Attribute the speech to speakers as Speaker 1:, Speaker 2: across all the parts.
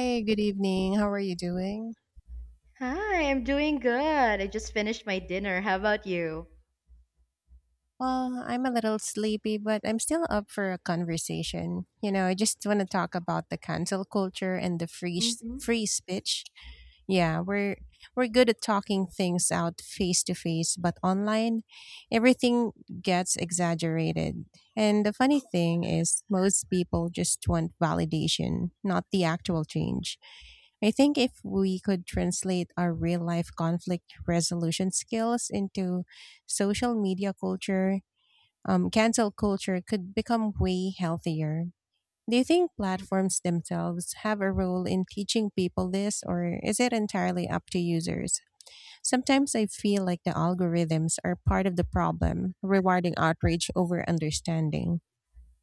Speaker 1: Hey, good evening. How are you doing?
Speaker 2: Hi, I'm doing good. I just finished my dinner. How about you?
Speaker 1: Well, I'm a little sleepy, but I'm still up for a conversation. You know, I just want to talk about the cancel culture and the free s-
Speaker 2: Hmm.
Speaker 1: free speech. Yeah, we're good at talking things out face to face, but online everything gets exaggerated. And the funny thing is most people just want validation, not the actual change. I think if we could translate our real life conflict resolution skills into social media culture, cancel culture could become way healthier. Do you think platforms themselves have a role in teaching people this, or is it entirely up to users? Sometimes I feel like the algorithms are part of the problem, rewarding outrage over understanding.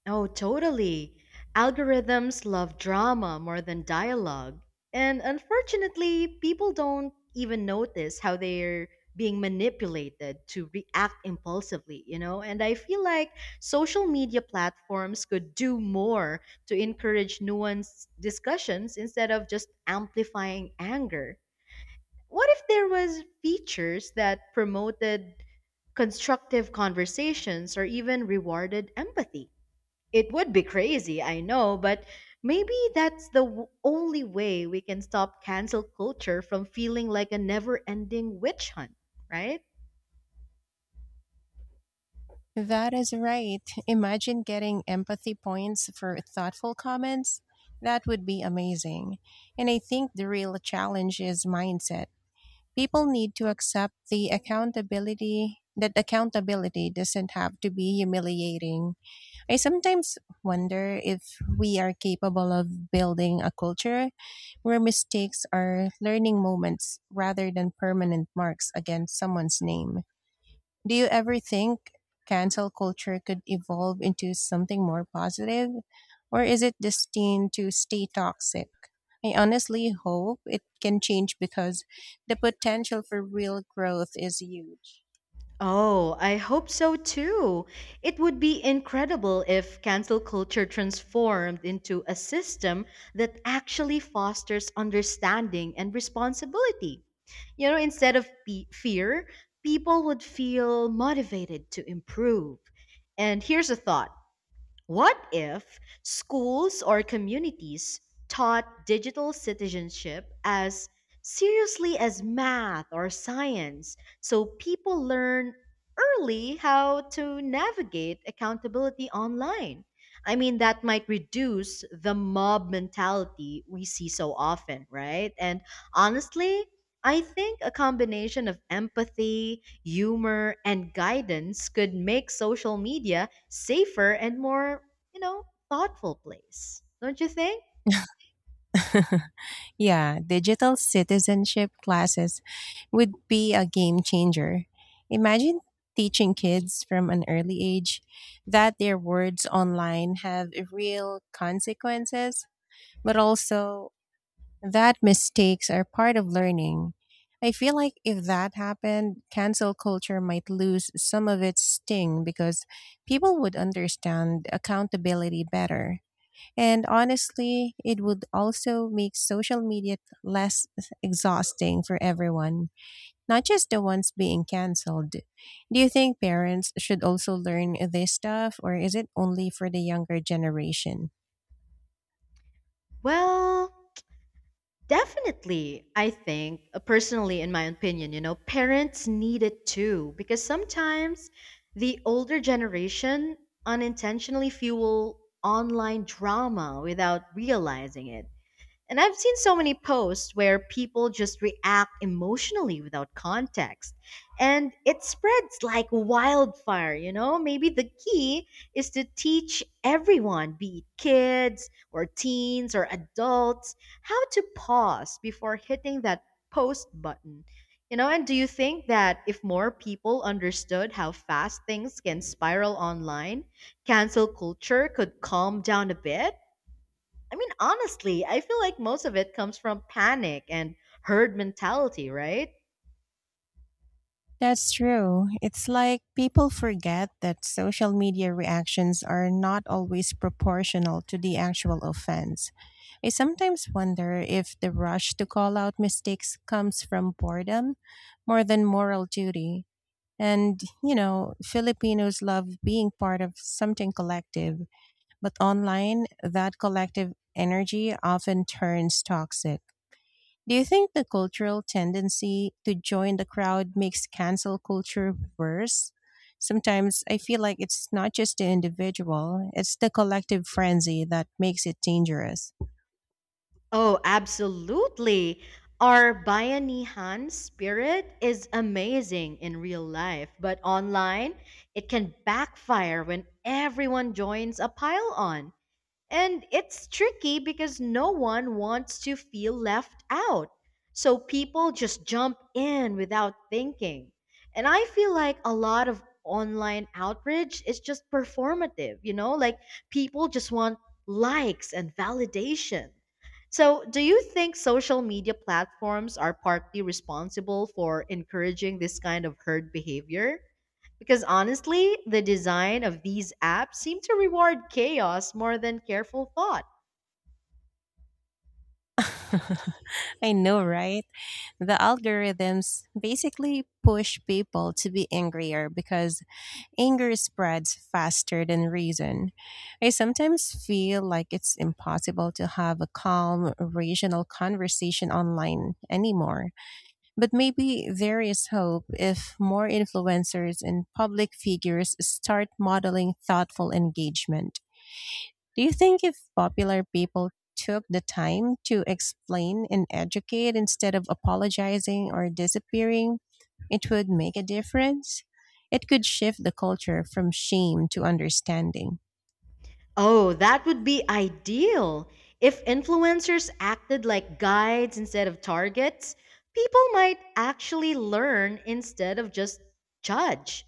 Speaker 2: Oh, totally. Algorithms love drama more than dialogue. And unfortunately, people don't even notice how they're being manipulated to react impulsively, you know? And I feel like social media platforms could do more to encourage nuanced discussions instead of just amplifying anger. What if there was features that promoted constructive conversations, or even rewarded empathy. It would be crazy, I know, but maybe that's the only way we can stop cancel culture from feeling like a never ending witch hunt, right?
Speaker 1: That is right. Imagine getting empathy points for thoughtful comments. That would be amazing. And I think the real challenge is mindset. People need to accept the accountability that accountability doesn't have to be humiliating. I sometimes wonder if we are capable of building a culture where mistakes are learning moments rather than permanent marks against someone's name. Do you ever think cancel culture could evolve into something more positive? Or is it destined to stay toxic? I honestly hope it can change because the potential for real growth is huge.
Speaker 2: Oh, I hope so too. It would be incredible if cancel culture transformed into a system that actually fosters understanding and responsibility. You know, instead of fear, people would feel motivated to improve. And here's a thought. What if schools or communities taught digital citizenship as seriously as math or science so people learn early how to navigate accountability online? I mean, that might reduce the mob mentality we see so often, right? And honestly, I think a combination of empathy, humor, and guidance could make social media safer and more, you know, thoughtful place. Don't you think?
Speaker 1: Yeah, digital citizenship classes would be a game changer. Imagine teaching kids from an early age that their words online have real consequences, but also that mistakes are part of learning. I feel like if that happened, cancel culture might lose some of its sting because people would understand accountability better. And honestly, it would also make social media less exhausting for everyone, not just the ones being canceled. Do you think parents should also learn this stuff, or is it only for the younger generation?
Speaker 2: Well, definitely. I think, personally, in my opinion, you know, parents need it too because sometimes the older generation unintentionally fuel online drama without realizing it. And I've seen so many posts where people just react emotionally without context. And it spreads like wildfire, you know? Maybe the key is to teach everyone, be it kids or teens or adults, how to pause before hitting that post button. You know, and do you think that if more people understood how fast things can spiral online, cancel culture could calm down a bit? I mean, honestly, I feel like most of it comes from panic and herd mentality, right?
Speaker 1: That's true. It's like people forget that social media reactions are not always proportional to the actual offense. I sometimes wonder if the rush to call out mistakes comes from boredom more than moral duty. And, you know, Filipinos love being part of something collective, but online, that collective energy often turns toxic. Do you think the cultural tendency to join the crowd makes cancel culture worse? Sometimes I feel like it's not just the individual, it's the collective frenzy that makes it dangerous.
Speaker 2: Oh, absolutely. Our Bayanihan spirit is amazing in real life, but online, it can backfire when everyone joins a pile on. And it's tricky because no one wants to feel left out. So people just jump in without thinking. And I feel like a lot of online outrage is just performative, you know? Like people just want likes and validation. So, do you think social media platforms are partly responsible for encouraging this kind of herd behavior? Because honestly, the design of these apps seem to reward chaos more than careful thought.
Speaker 1: I know, right? The algorithms basically push people to be angrier because anger spreads faster than reason. I sometimes feel like it's impossible to have a calm, rational conversation online anymore. But maybe there is hope if more influencers and public figures start modeling thoughtful engagement. Do you think if popular people took the time to explain and educate instead of apologizing or disappearing, it would make a difference? It could shift the culture from shame to understanding.
Speaker 2: Oh, that would be ideal. If influencers acted like guides instead of targets, people might actually learn instead of just judge.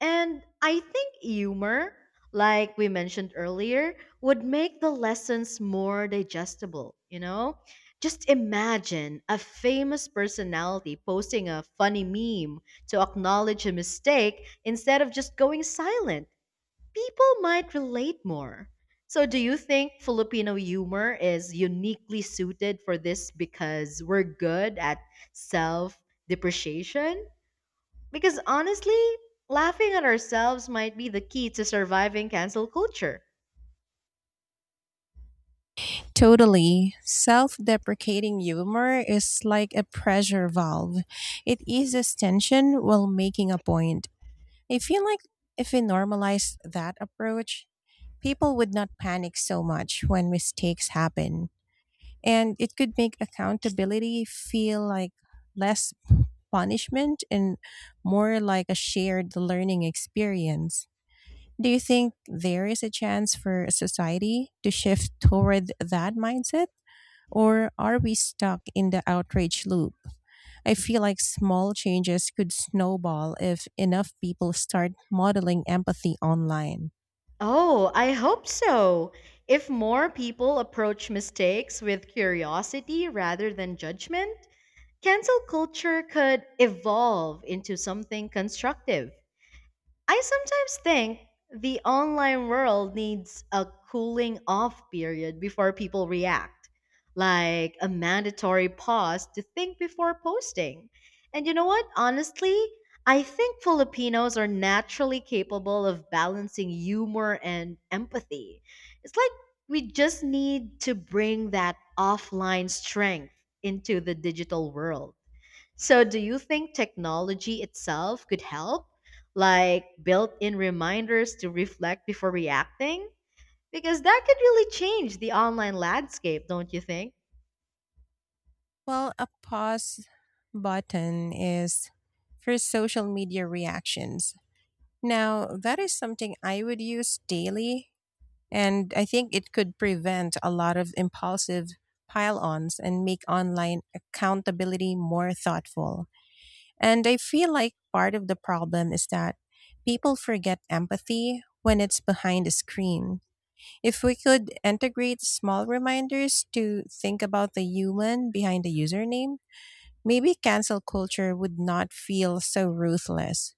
Speaker 2: And I think humor, like we mentioned earlier, would make the lessons more digestible, you know? Just imagine a famous personality posting a funny meme to acknowledge a mistake instead of just going silent people might relate more. So, do you think Filipino humor is uniquely suited for this because we're good at self depreciation? Because honestly, laughing at ourselves might be the key to surviving cancel culture.
Speaker 1: Totally. Self deprecating humor is like a pressure valve. It eases tension while making a point. I feel like if we normalized that approach, people would not panic so much when mistakes happen. And it could make accountability feel like less punishment and more like a shared learning experience. Do you think there is a chance for a society to shift toward that mindset? Or are we stuck in the outrage loop? I feel like small changes could snowball if enough people start modeling empathy online.
Speaker 2: Oh, I hope so. If more people approach mistakes with curiosity rather than judgment, cancel culture could evolve into something constructive. I sometimes think the online world needs a cooling off period before people react, like a mandatory pause to think before posting. And you know what? Honestly, I think Filipinos are naturally capable of balancing humor and empathy. It's like we just need to bring that offline strength into the digital world. So, do you think technology itself could help? Like built in reminders to reflect before reacting? Because that could really change the online landscape, don't you think?
Speaker 1: Well, a pause button is for social media reactions. Now, that is something I would use daily, and I think it could prevent a lot of impulsive pile ons and make online accountability more thoughtful. And I feel like part of the problem is that people forget empathy when it's behind a screen. If we could integrate small reminders to think about the human behind the username, maybe cancel culture would not feel so ruthless.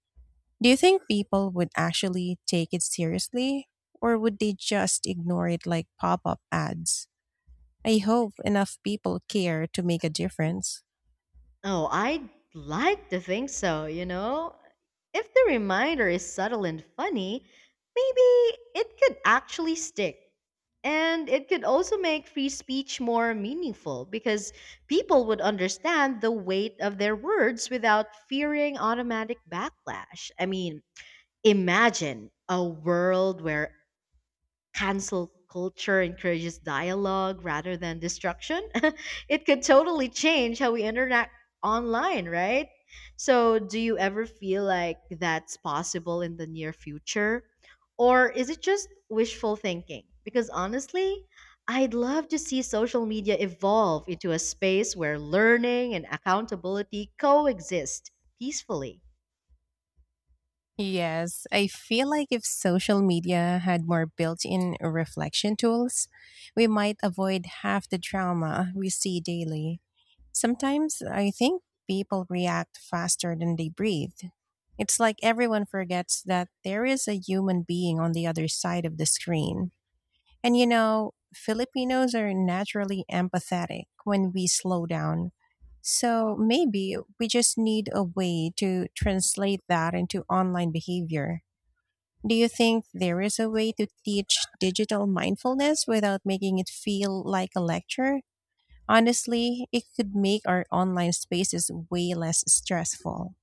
Speaker 1: Do you think people would actually take it seriously? Or would they just ignore it like pop up ads? I hope enough people care to make a difference.
Speaker 2: Oh, I'd like to think so, you know? If the reminder is subtle and funny, maybe it could actually stick. And it could also make free speech more meaningful because people would understand the weight of their words without fearing automatic backlash. I mean, imagine a world where cancel culture encourages dialogue rather than destruction, it could totally change how we interact online, right? So, do you ever feel like that's possible in the near future? Or is it just wishful thinking? Because honestly, I'd love to see social media evolve into a space where learning and accountability coexist peacefully.
Speaker 1: Yes, I feel like if social media had more built in reflection tools, we might avoid half the drama we see daily. Sometimes I think people react faster than they breathe. It's like everyone forgets that there is a human being on the other side of the screen. And you know, Filipinos are naturally empathetic when we slow down. So maybe we just need a way to translate that into online behavior. Do you think there is a way to teach digital mindfulness without making it feel like a lecture? Honestly, it could make our online spaces way less stressful.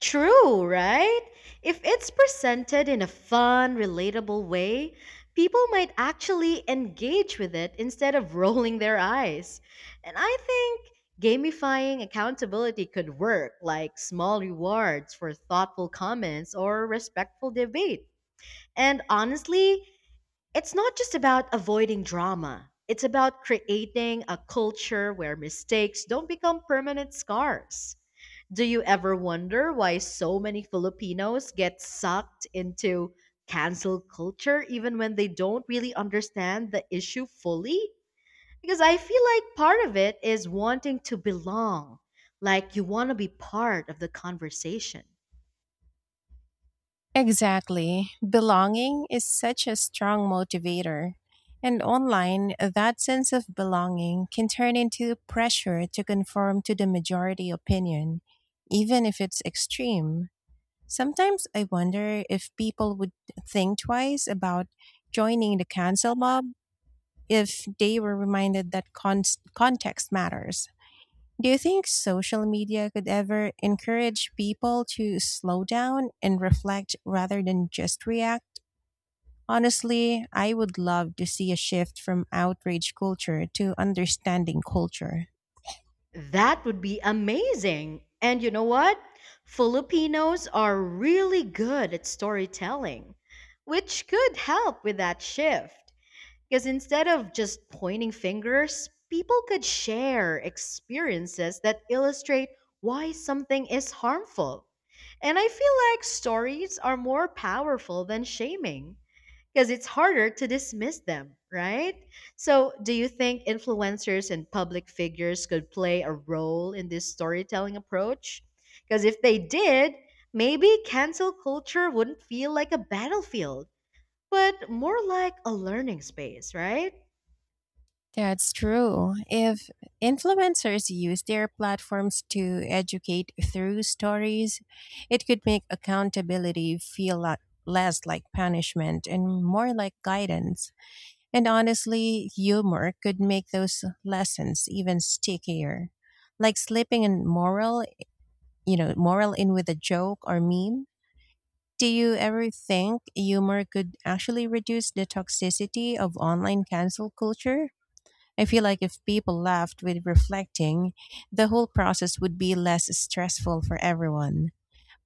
Speaker 2: True, right? If it's presented in a fun, relatable way, people might actually engage with it instead of rolling their eyes. And I think gamifying accountability could work, like small rewards for thoughtful comments or respectful debate. And honestly, it's not just about avoiding drama. It's about creating a culture where mistakes don't become permanent scars. Do you ever wonder why so many Filipinos get sucked into cancel culture even when they don't really understand the issue fully? Because I feel like part of it is wanting to belong, like you want to be part of the conversation.
Speaker 1: Exactly. Belonging is such a strong motivator. And online, that sense of belonging can turn into pressure to conform to the majority opinion, even if it's extreme. Sometimes I wonder if people would think twice about joining the cancel mob if they were reminded that context matters. Do you think social media could ever encourage people to slow down and reflect rather than just react? Honestly, I would love to see a shift from outrage culture to understanding culture.
Speaker 2: That would be amazing. And you know what? Filipinos are really good at storytelling, which could help with that shift. Because instead of just pointing fingers, people could share experiences that illustrate why something is harmful. And I feel like stories are more powerful than shaming because it's harder to dismiss them, right? So, do you think influencers and public figures could play a role in this storytelling approach? Because if they did, maybe cancel culture wouldn't feel like a battlefield, but more like a learning space, right?
Speaker 1: That's true. If influencers use their platforms to educate through stories, it could make accountability feel lot less like punishment and more like guidance. And honestly, humor could make those lessons even stickier. Like slipping in moral in with a joke or meme. Do you ever think humor could actually reduce the toxicity of online cancel culture? I feel like if people laughed with reflecting, the whole process would be less stressful for everyone.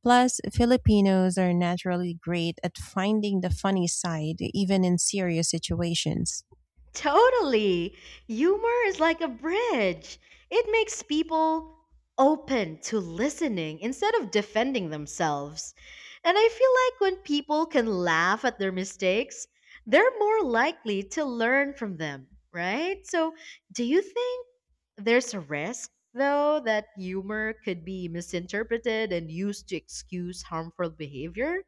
Speaker 1: Plus, Filipinos are naturally great at finding the funny side, even in serious situations.
Speaker 2: Totally. Humor is like a bridge. It makes people open to listening instead of defending themselves. And I feel like when people can laugh at their mistakes, they're more likely to learn from them, right? So, do you think there's a risk, though, that humor could be misinterpreted and used to excuse harmful behavior.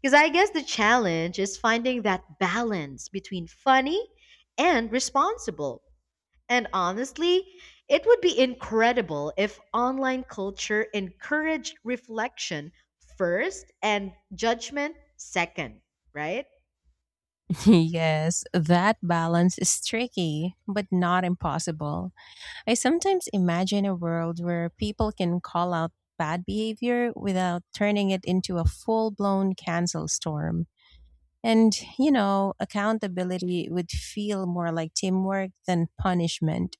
Speaker 2: Because I guess the challenge is finding that balance between funny and responsible. And honestly, it would be incredible if online culture encouraged reflection first and judgment second, right?
Speaker 1: Yes, that balance is tricky, but not impossible. I sometimes imagine a world where people can call out bad behavior without turning it into a full blown cancel storm. And, you know, accountability would feel more like teamwork than punishment.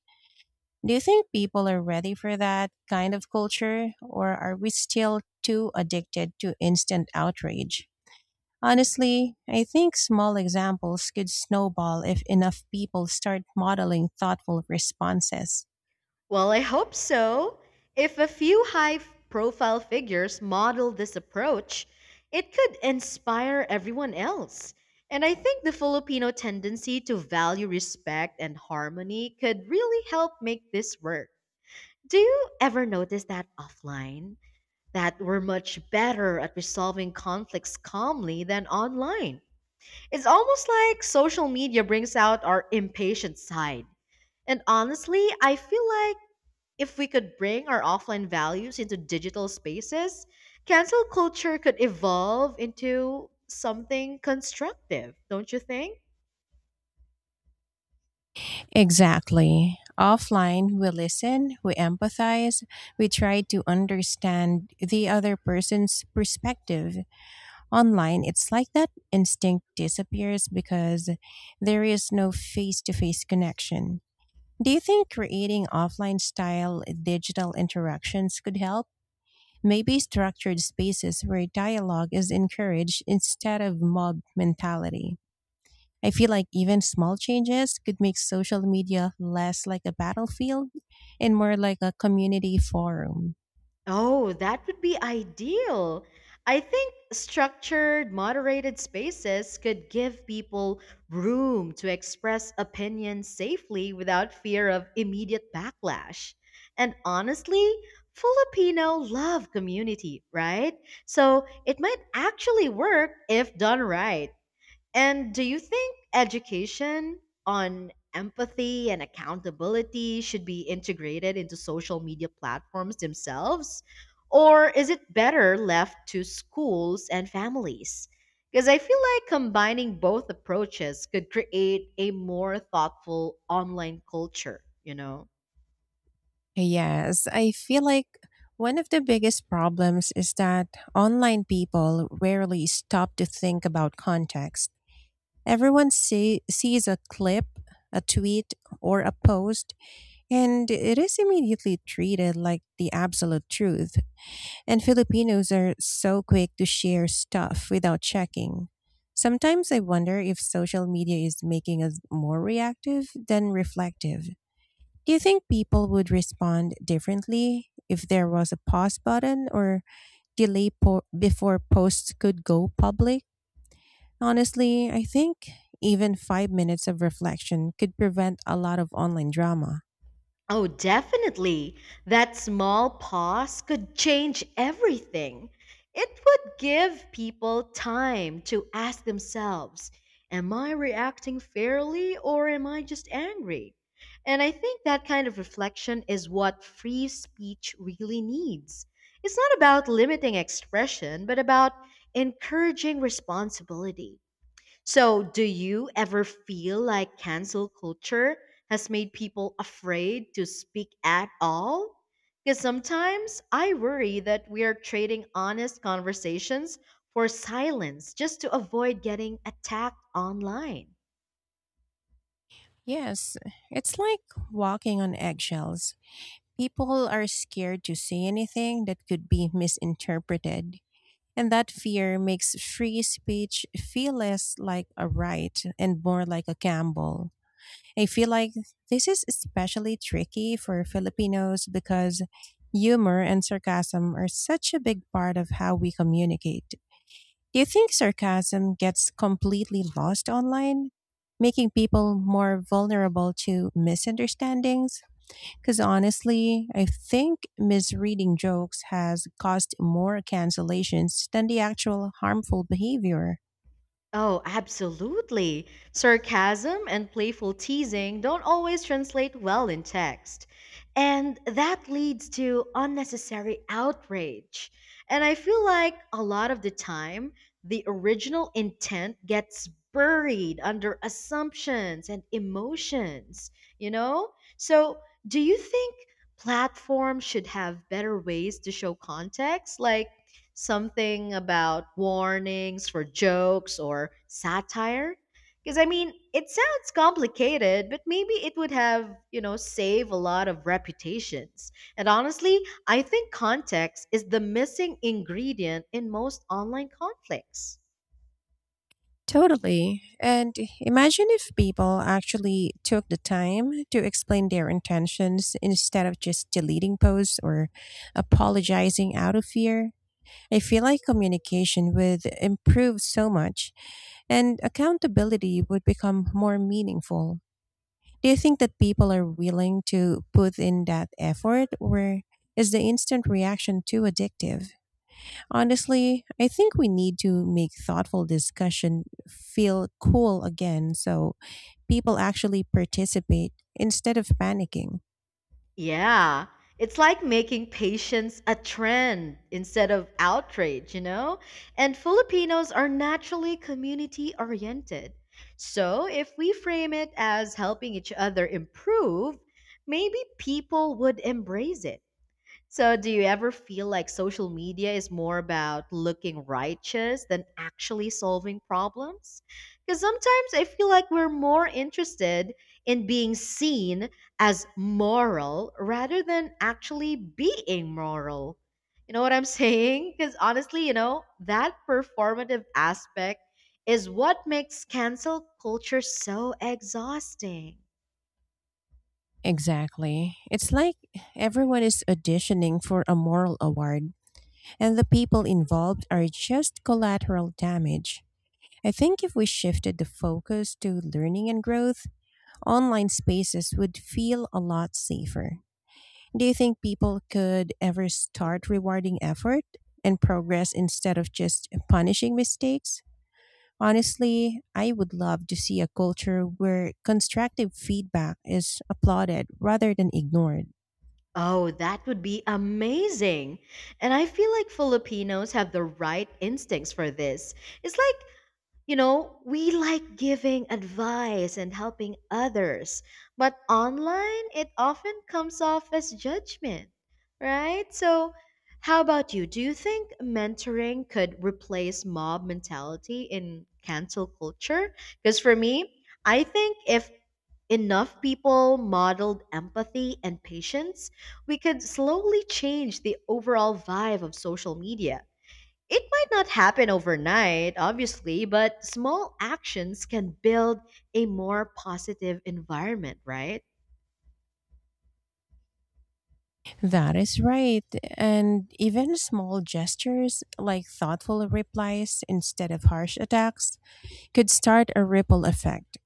Speaker 1: Do you think people are ready for that kind of culture, or are we still too addicted to instant outrage? Honestly, I think small examples could snowball if enough people start modeling thoughtful responses.
Speaker 2: Well, I hope so. If a few high profile figures model this approach, it could inspire everyone else. And I think the Filipino tendency to value respect and harmony could really help make this work. Do you ever notice that offline? That we're much better at resolving conflicts calmly than online. It's almost like social media brings out our impatient side. And honestly, I feel like if we could bring our offline values into digital spaces, cancel culture could evolve into something constructive, don't you think?
Speaker 1: Exactly. Offline, we listen, we empathize, we try to understand the other person's perspective. Online, it's like that instinct disappears because there is no face to face connection. Do you think creating offline style digital interactions could help? Maybe structured spaces where dialogue is encouraged instead of mob mentality. I feel like even small changes could make social media less like a battlefield and more like a community forum.
Speaker 2: Oh, that would be ideal. I think structured, moderated spaces could give people room to express opinions safely without fear of immediate backlash. And honestly, Filipino love community, right? So it might actually work if done right. And do you think education on empathy and accountability should be integrated into social media platforms themselves? Or is it better left to schools and families? Because I feel like combining both approaches could create a more thoughtful online culture, you know?
Speaker 1: Yes, I feel like one of the biggest problems is that online people rarely stop to think about context. Everyone sees a clip, a tweet, or a post. And it is immediately treated like the absolute truth. And Filipinos are so quick to share stuff without checking. Sometimes I wonder if social media is making us more reactive than reflective. Do you think people would respond differently if there was a pause button or before posts could go public? Honestly, I think even 5 minutes of reflection could prevent a lot of online drama.
Speaker 2: Oh, definitely. That small pause could change everything. It would give people time to ask themselves, am I reacting fairly or am I just angry? And I think that kind of reflection is what free speech really needs. It's not about limiting expression, but about encouraging responsibility. So, do you ever feel like cancel culture has made people afraid to speak at all? Because sometimes I worry that we are trading honest conversations for silence just to avoid getting attacked online.
Speaker 1: Yes, it's like walking on eggshells. People are scared to say anything that could be misinterpreted, and that fear makes free speech feel less like a right and more like a gamble. I feel like this is especially tricky for Filipinos because humor and sarcasm are such a big part of how we communicate. Do you think sarcasm gets completely lost online, making people more vulnerable to misunderstandings? Because honestly, I think misreading jokes has caused more cancellations than the actual harmful behavior.
Speaker 2: Oh, absolutely. Sarcasm and playful teasing don't always translate well in text. And that leads to unnecessary outrage. And I feel like a lot of the time, the original intent gets buried under assumptions and emotions, you know? So, do you think platforms should have better ways to show context? Like, something about warnings for jokes or satire? Because I mean, it sounds complicated, but maybe it would have, you know, save a lot of reputations. And honestly, I think context is the missing ingredient in most online conflicts.
Speaker 1: Totally. And imagine if people actually took the time to explain their intentions instead of just deleting posts or apologizing out of fear. I feel like communication would improve so much and accountability would become more meaningful. Do you think that people are willing to put in that effort or is the instant reaction too addictive? Honestly, I think we need to make thoughtful discussion feel cool again so people actually participate instead of panicking.
Speaker 2: Yeah. It's like making patience a trend instead of outrage, you know? And Filipinos are naturally community oriented. So if we frame it as helping each other improve, maybe people would embrace it. So, do you ever feel like social media is more about looking righteous than actually solving problems? Because sometimes I feel like we're more interested in being seen as moral rather than actually being moral. You know what I'm saying? Because honestly, you know, that performative aspect is what makes cancel culture so exhausting.
Speaker 1: Exactly. It's like everyone is auditioning for a moral award and the people involved are just collateral damage. I think if we shifted the focus to learning and growth, online spaces would feel a lot safer. Do you think people could ever start rewarding effort and progress instead of just punishing mistakes? Honestly, I would love to see a culture where constructive feedback is applauded rather than ignored.
Speaker 2: Oh, that would be amazing. And I feel like Filipinos have the right instincts for this. It's like, you know, we like giving advice and helping others, but online it often comes off as judgment, right? So, how about you? Do you think mentoring could replace mob mentality in cancel culture? Because for me, I think if enough people modeled empathy and patience, we could slowly change the overall vibe of social media. It might not happen overnight, obviously, but small actions can build a more positive environment, right?
Speaker 1: That is right. And even small gestures like thoughtful replies instead of harsh attacks could start a ripple effect.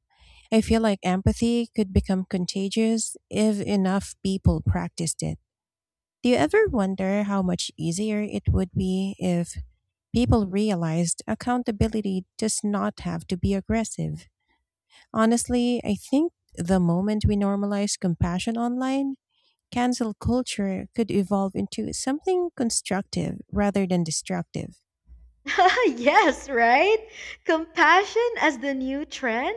Speaker 1: I feel like empathy could become contagious if enough people practiced it. Do you ever wonder how much easier it would be if people realized accountability does not have to be aggressive? Honestly, I think the moment we normalize compassion online, cancel culture could evolve into something constructive rather than destructive.
Speaker 2: Yes, right? Compassion as the new trend?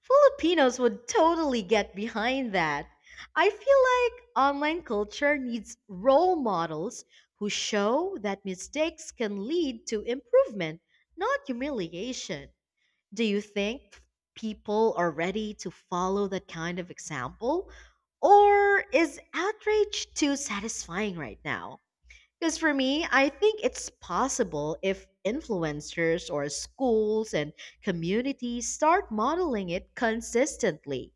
Speaker 2: Filipinos would totally get behind that. I feel like online culture needs role models who show that mistakes can lead to improvement, not humiliation. Do you think people are ready to follow that kind of example? Or is outrage too satisfying right now? Because for me, I think it's possible if influencers or schools and communities start modeling it consistently.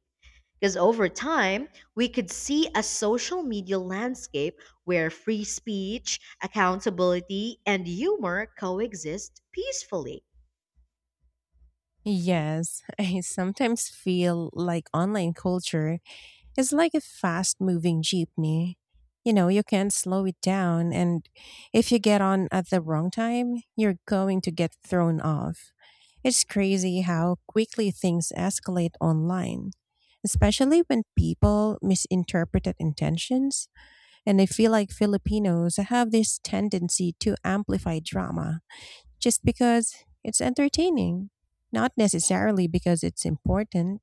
Speaker 2: Because over time, we could see a social media landscape where free speech, accountability, and humor coexist peacefully.
Speaker 1: Yes, I sometimes feel like online culture it's like a fast moving jeepney. You know, you can't slow it down. And if you get on at the wrong time, you're going to get thrown off. It's crazy how quickly things escalate online, especially when people misinterpreted intentions. And I feel like Filipinos have this tendency to amplify drama just because it's entertaining, not necessarily because it's important.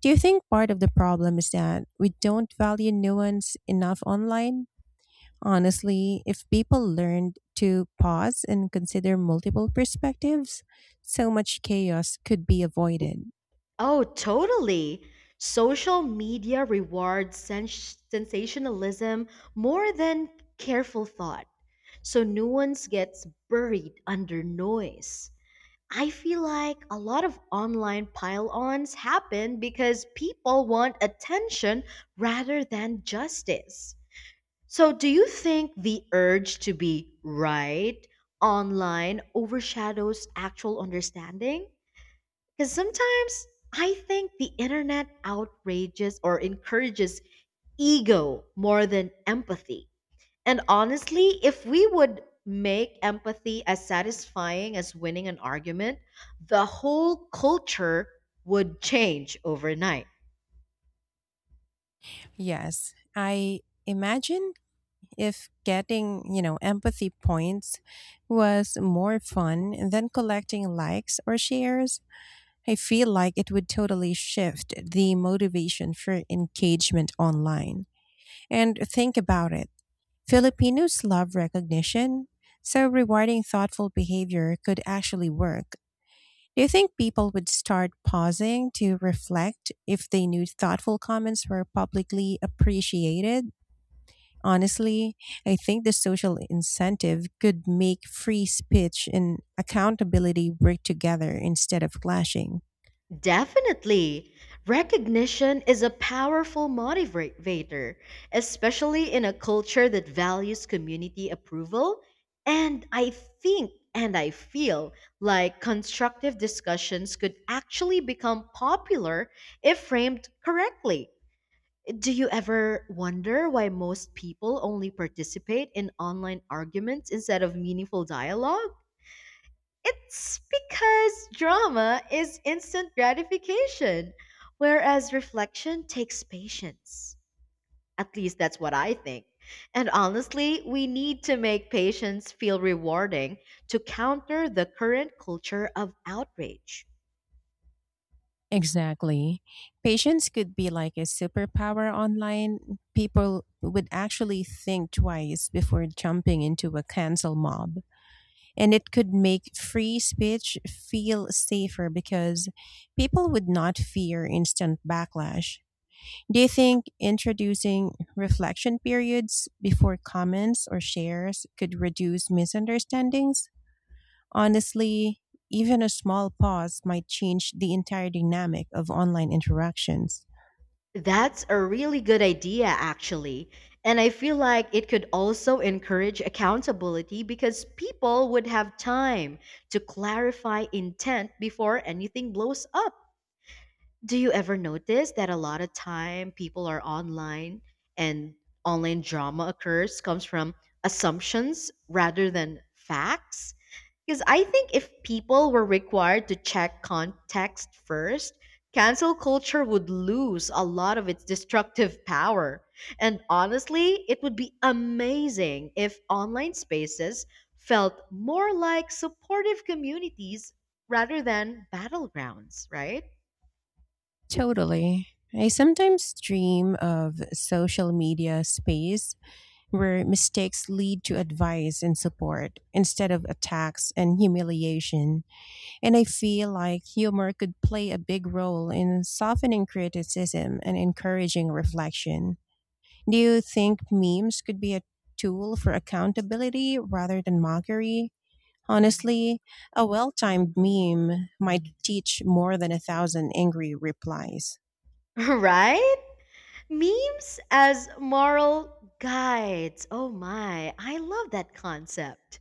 Speaker 1: Do you think part of the problem is that we don't value nuance enough online? Honestly, if people learned to pause and consider multiple perspectives, so much chaos could be avoided.
Speaker 2: Oh, totally. Social media rewards sensationalism more than careful thought. So nuance gets buried under noise. I feel like a lot of online pile ons happen because people want attention rather than justice. So, do you think the urge to be right online overshadows actual understanding? Because sometimes I think the internet outrages or encourages ego more than empathy. And honestly, if we would make empathy as satisfying as winning an argument, the whole culture would change overnight.
Speaker 1: Yes, I imagine if getting, you know, empathy points was more fun than collecting likes or shares, I feel like it would totally shift the motivation for engagement online. And think about it, Filipinos love recognition, so rewarding thoughtful behavior could actually work. Do you think people would start pausing to reflect if they knew thoughtful comments were publicly appreciated? Honestly, I think the social incentive could make free speech and accountability work together instead of clashing.
Speaker 2: Definitely. Recognition is a powerful motivator, especially in a culture that values community approval. And I think and I feel like constructive discussions could actually become popular if framed correctly. Do you ever wonder why most people only participate in online arguments instead of meaningful dialogue? It's because drama is instant gratification, whereas reflection takes patience. At least that's what I think. And honestly, we need to make patience feel rewarding to counter the current culture of outrage.
Speaker 1: Exactly. Patience could be like a superpower online. People would actually think twice before jumping into a cancel mob. And it could make free speech feel safer because people would not fear instant backlash. Do you think introducing reflection periods before comments or shares could reduce misunderstandings? Honestly, even a small pause might change the entire dynamic of online interactions.
Speaker 2: That's a really good idea, actually. And I feel like it could also encourage accountability because people would have time to clarify intent before anything blows up. Do you ever notice that a lot of time people are online and online drama occurs comes from assumptions rather than facts? Because I think if people were required to check context first, cancel culture would lose a lot of its destructive power. And honestly, it would be amazing if online spaces felt more like supportive communities rather than battlegrounds, right?
Speaker 1: Totally. I sometimes dream of a social media space where mistakes lead to advice and support instead of attacks and humiliation. And I feel like humor could play a big role in softening criticism and encouraging reflection. Do you think memes could be a tool for accountability rather than mockery? Honestly, a well timed meme might teach more than a thousand angry replies.
Speaker 2: Right? Memes as moral guides. Oh my, I love that concept.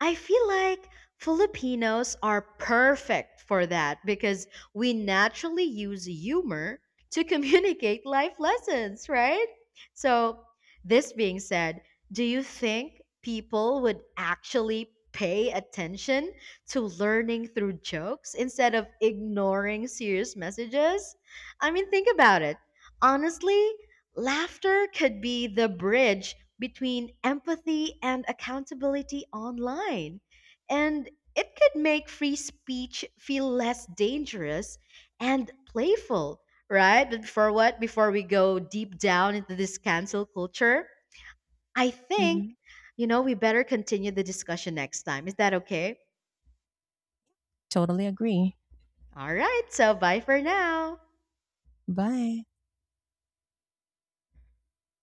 Speaker 2: I feel like Filipinos are perfect for that because we naturally use humor to communicate life lessons, right? So, this being said, do you think people would actually pay attention to learning through jokes instead of ignoring serious messages? I mean, think about it. Honestly, laughter could be the bridge between empathy and accountability online. And it could make free speech feel less dangerous and playful, right? But before what? Before we go deep down into this cancel culture, I think,
Speaker 1: Mhm.
Speaker 2: you know, we better continue the discussion next time. Is that okay?
Speaker 1: Totally agree.
Speaker 2: All right. So bye for now.
Speaker 1: Bye.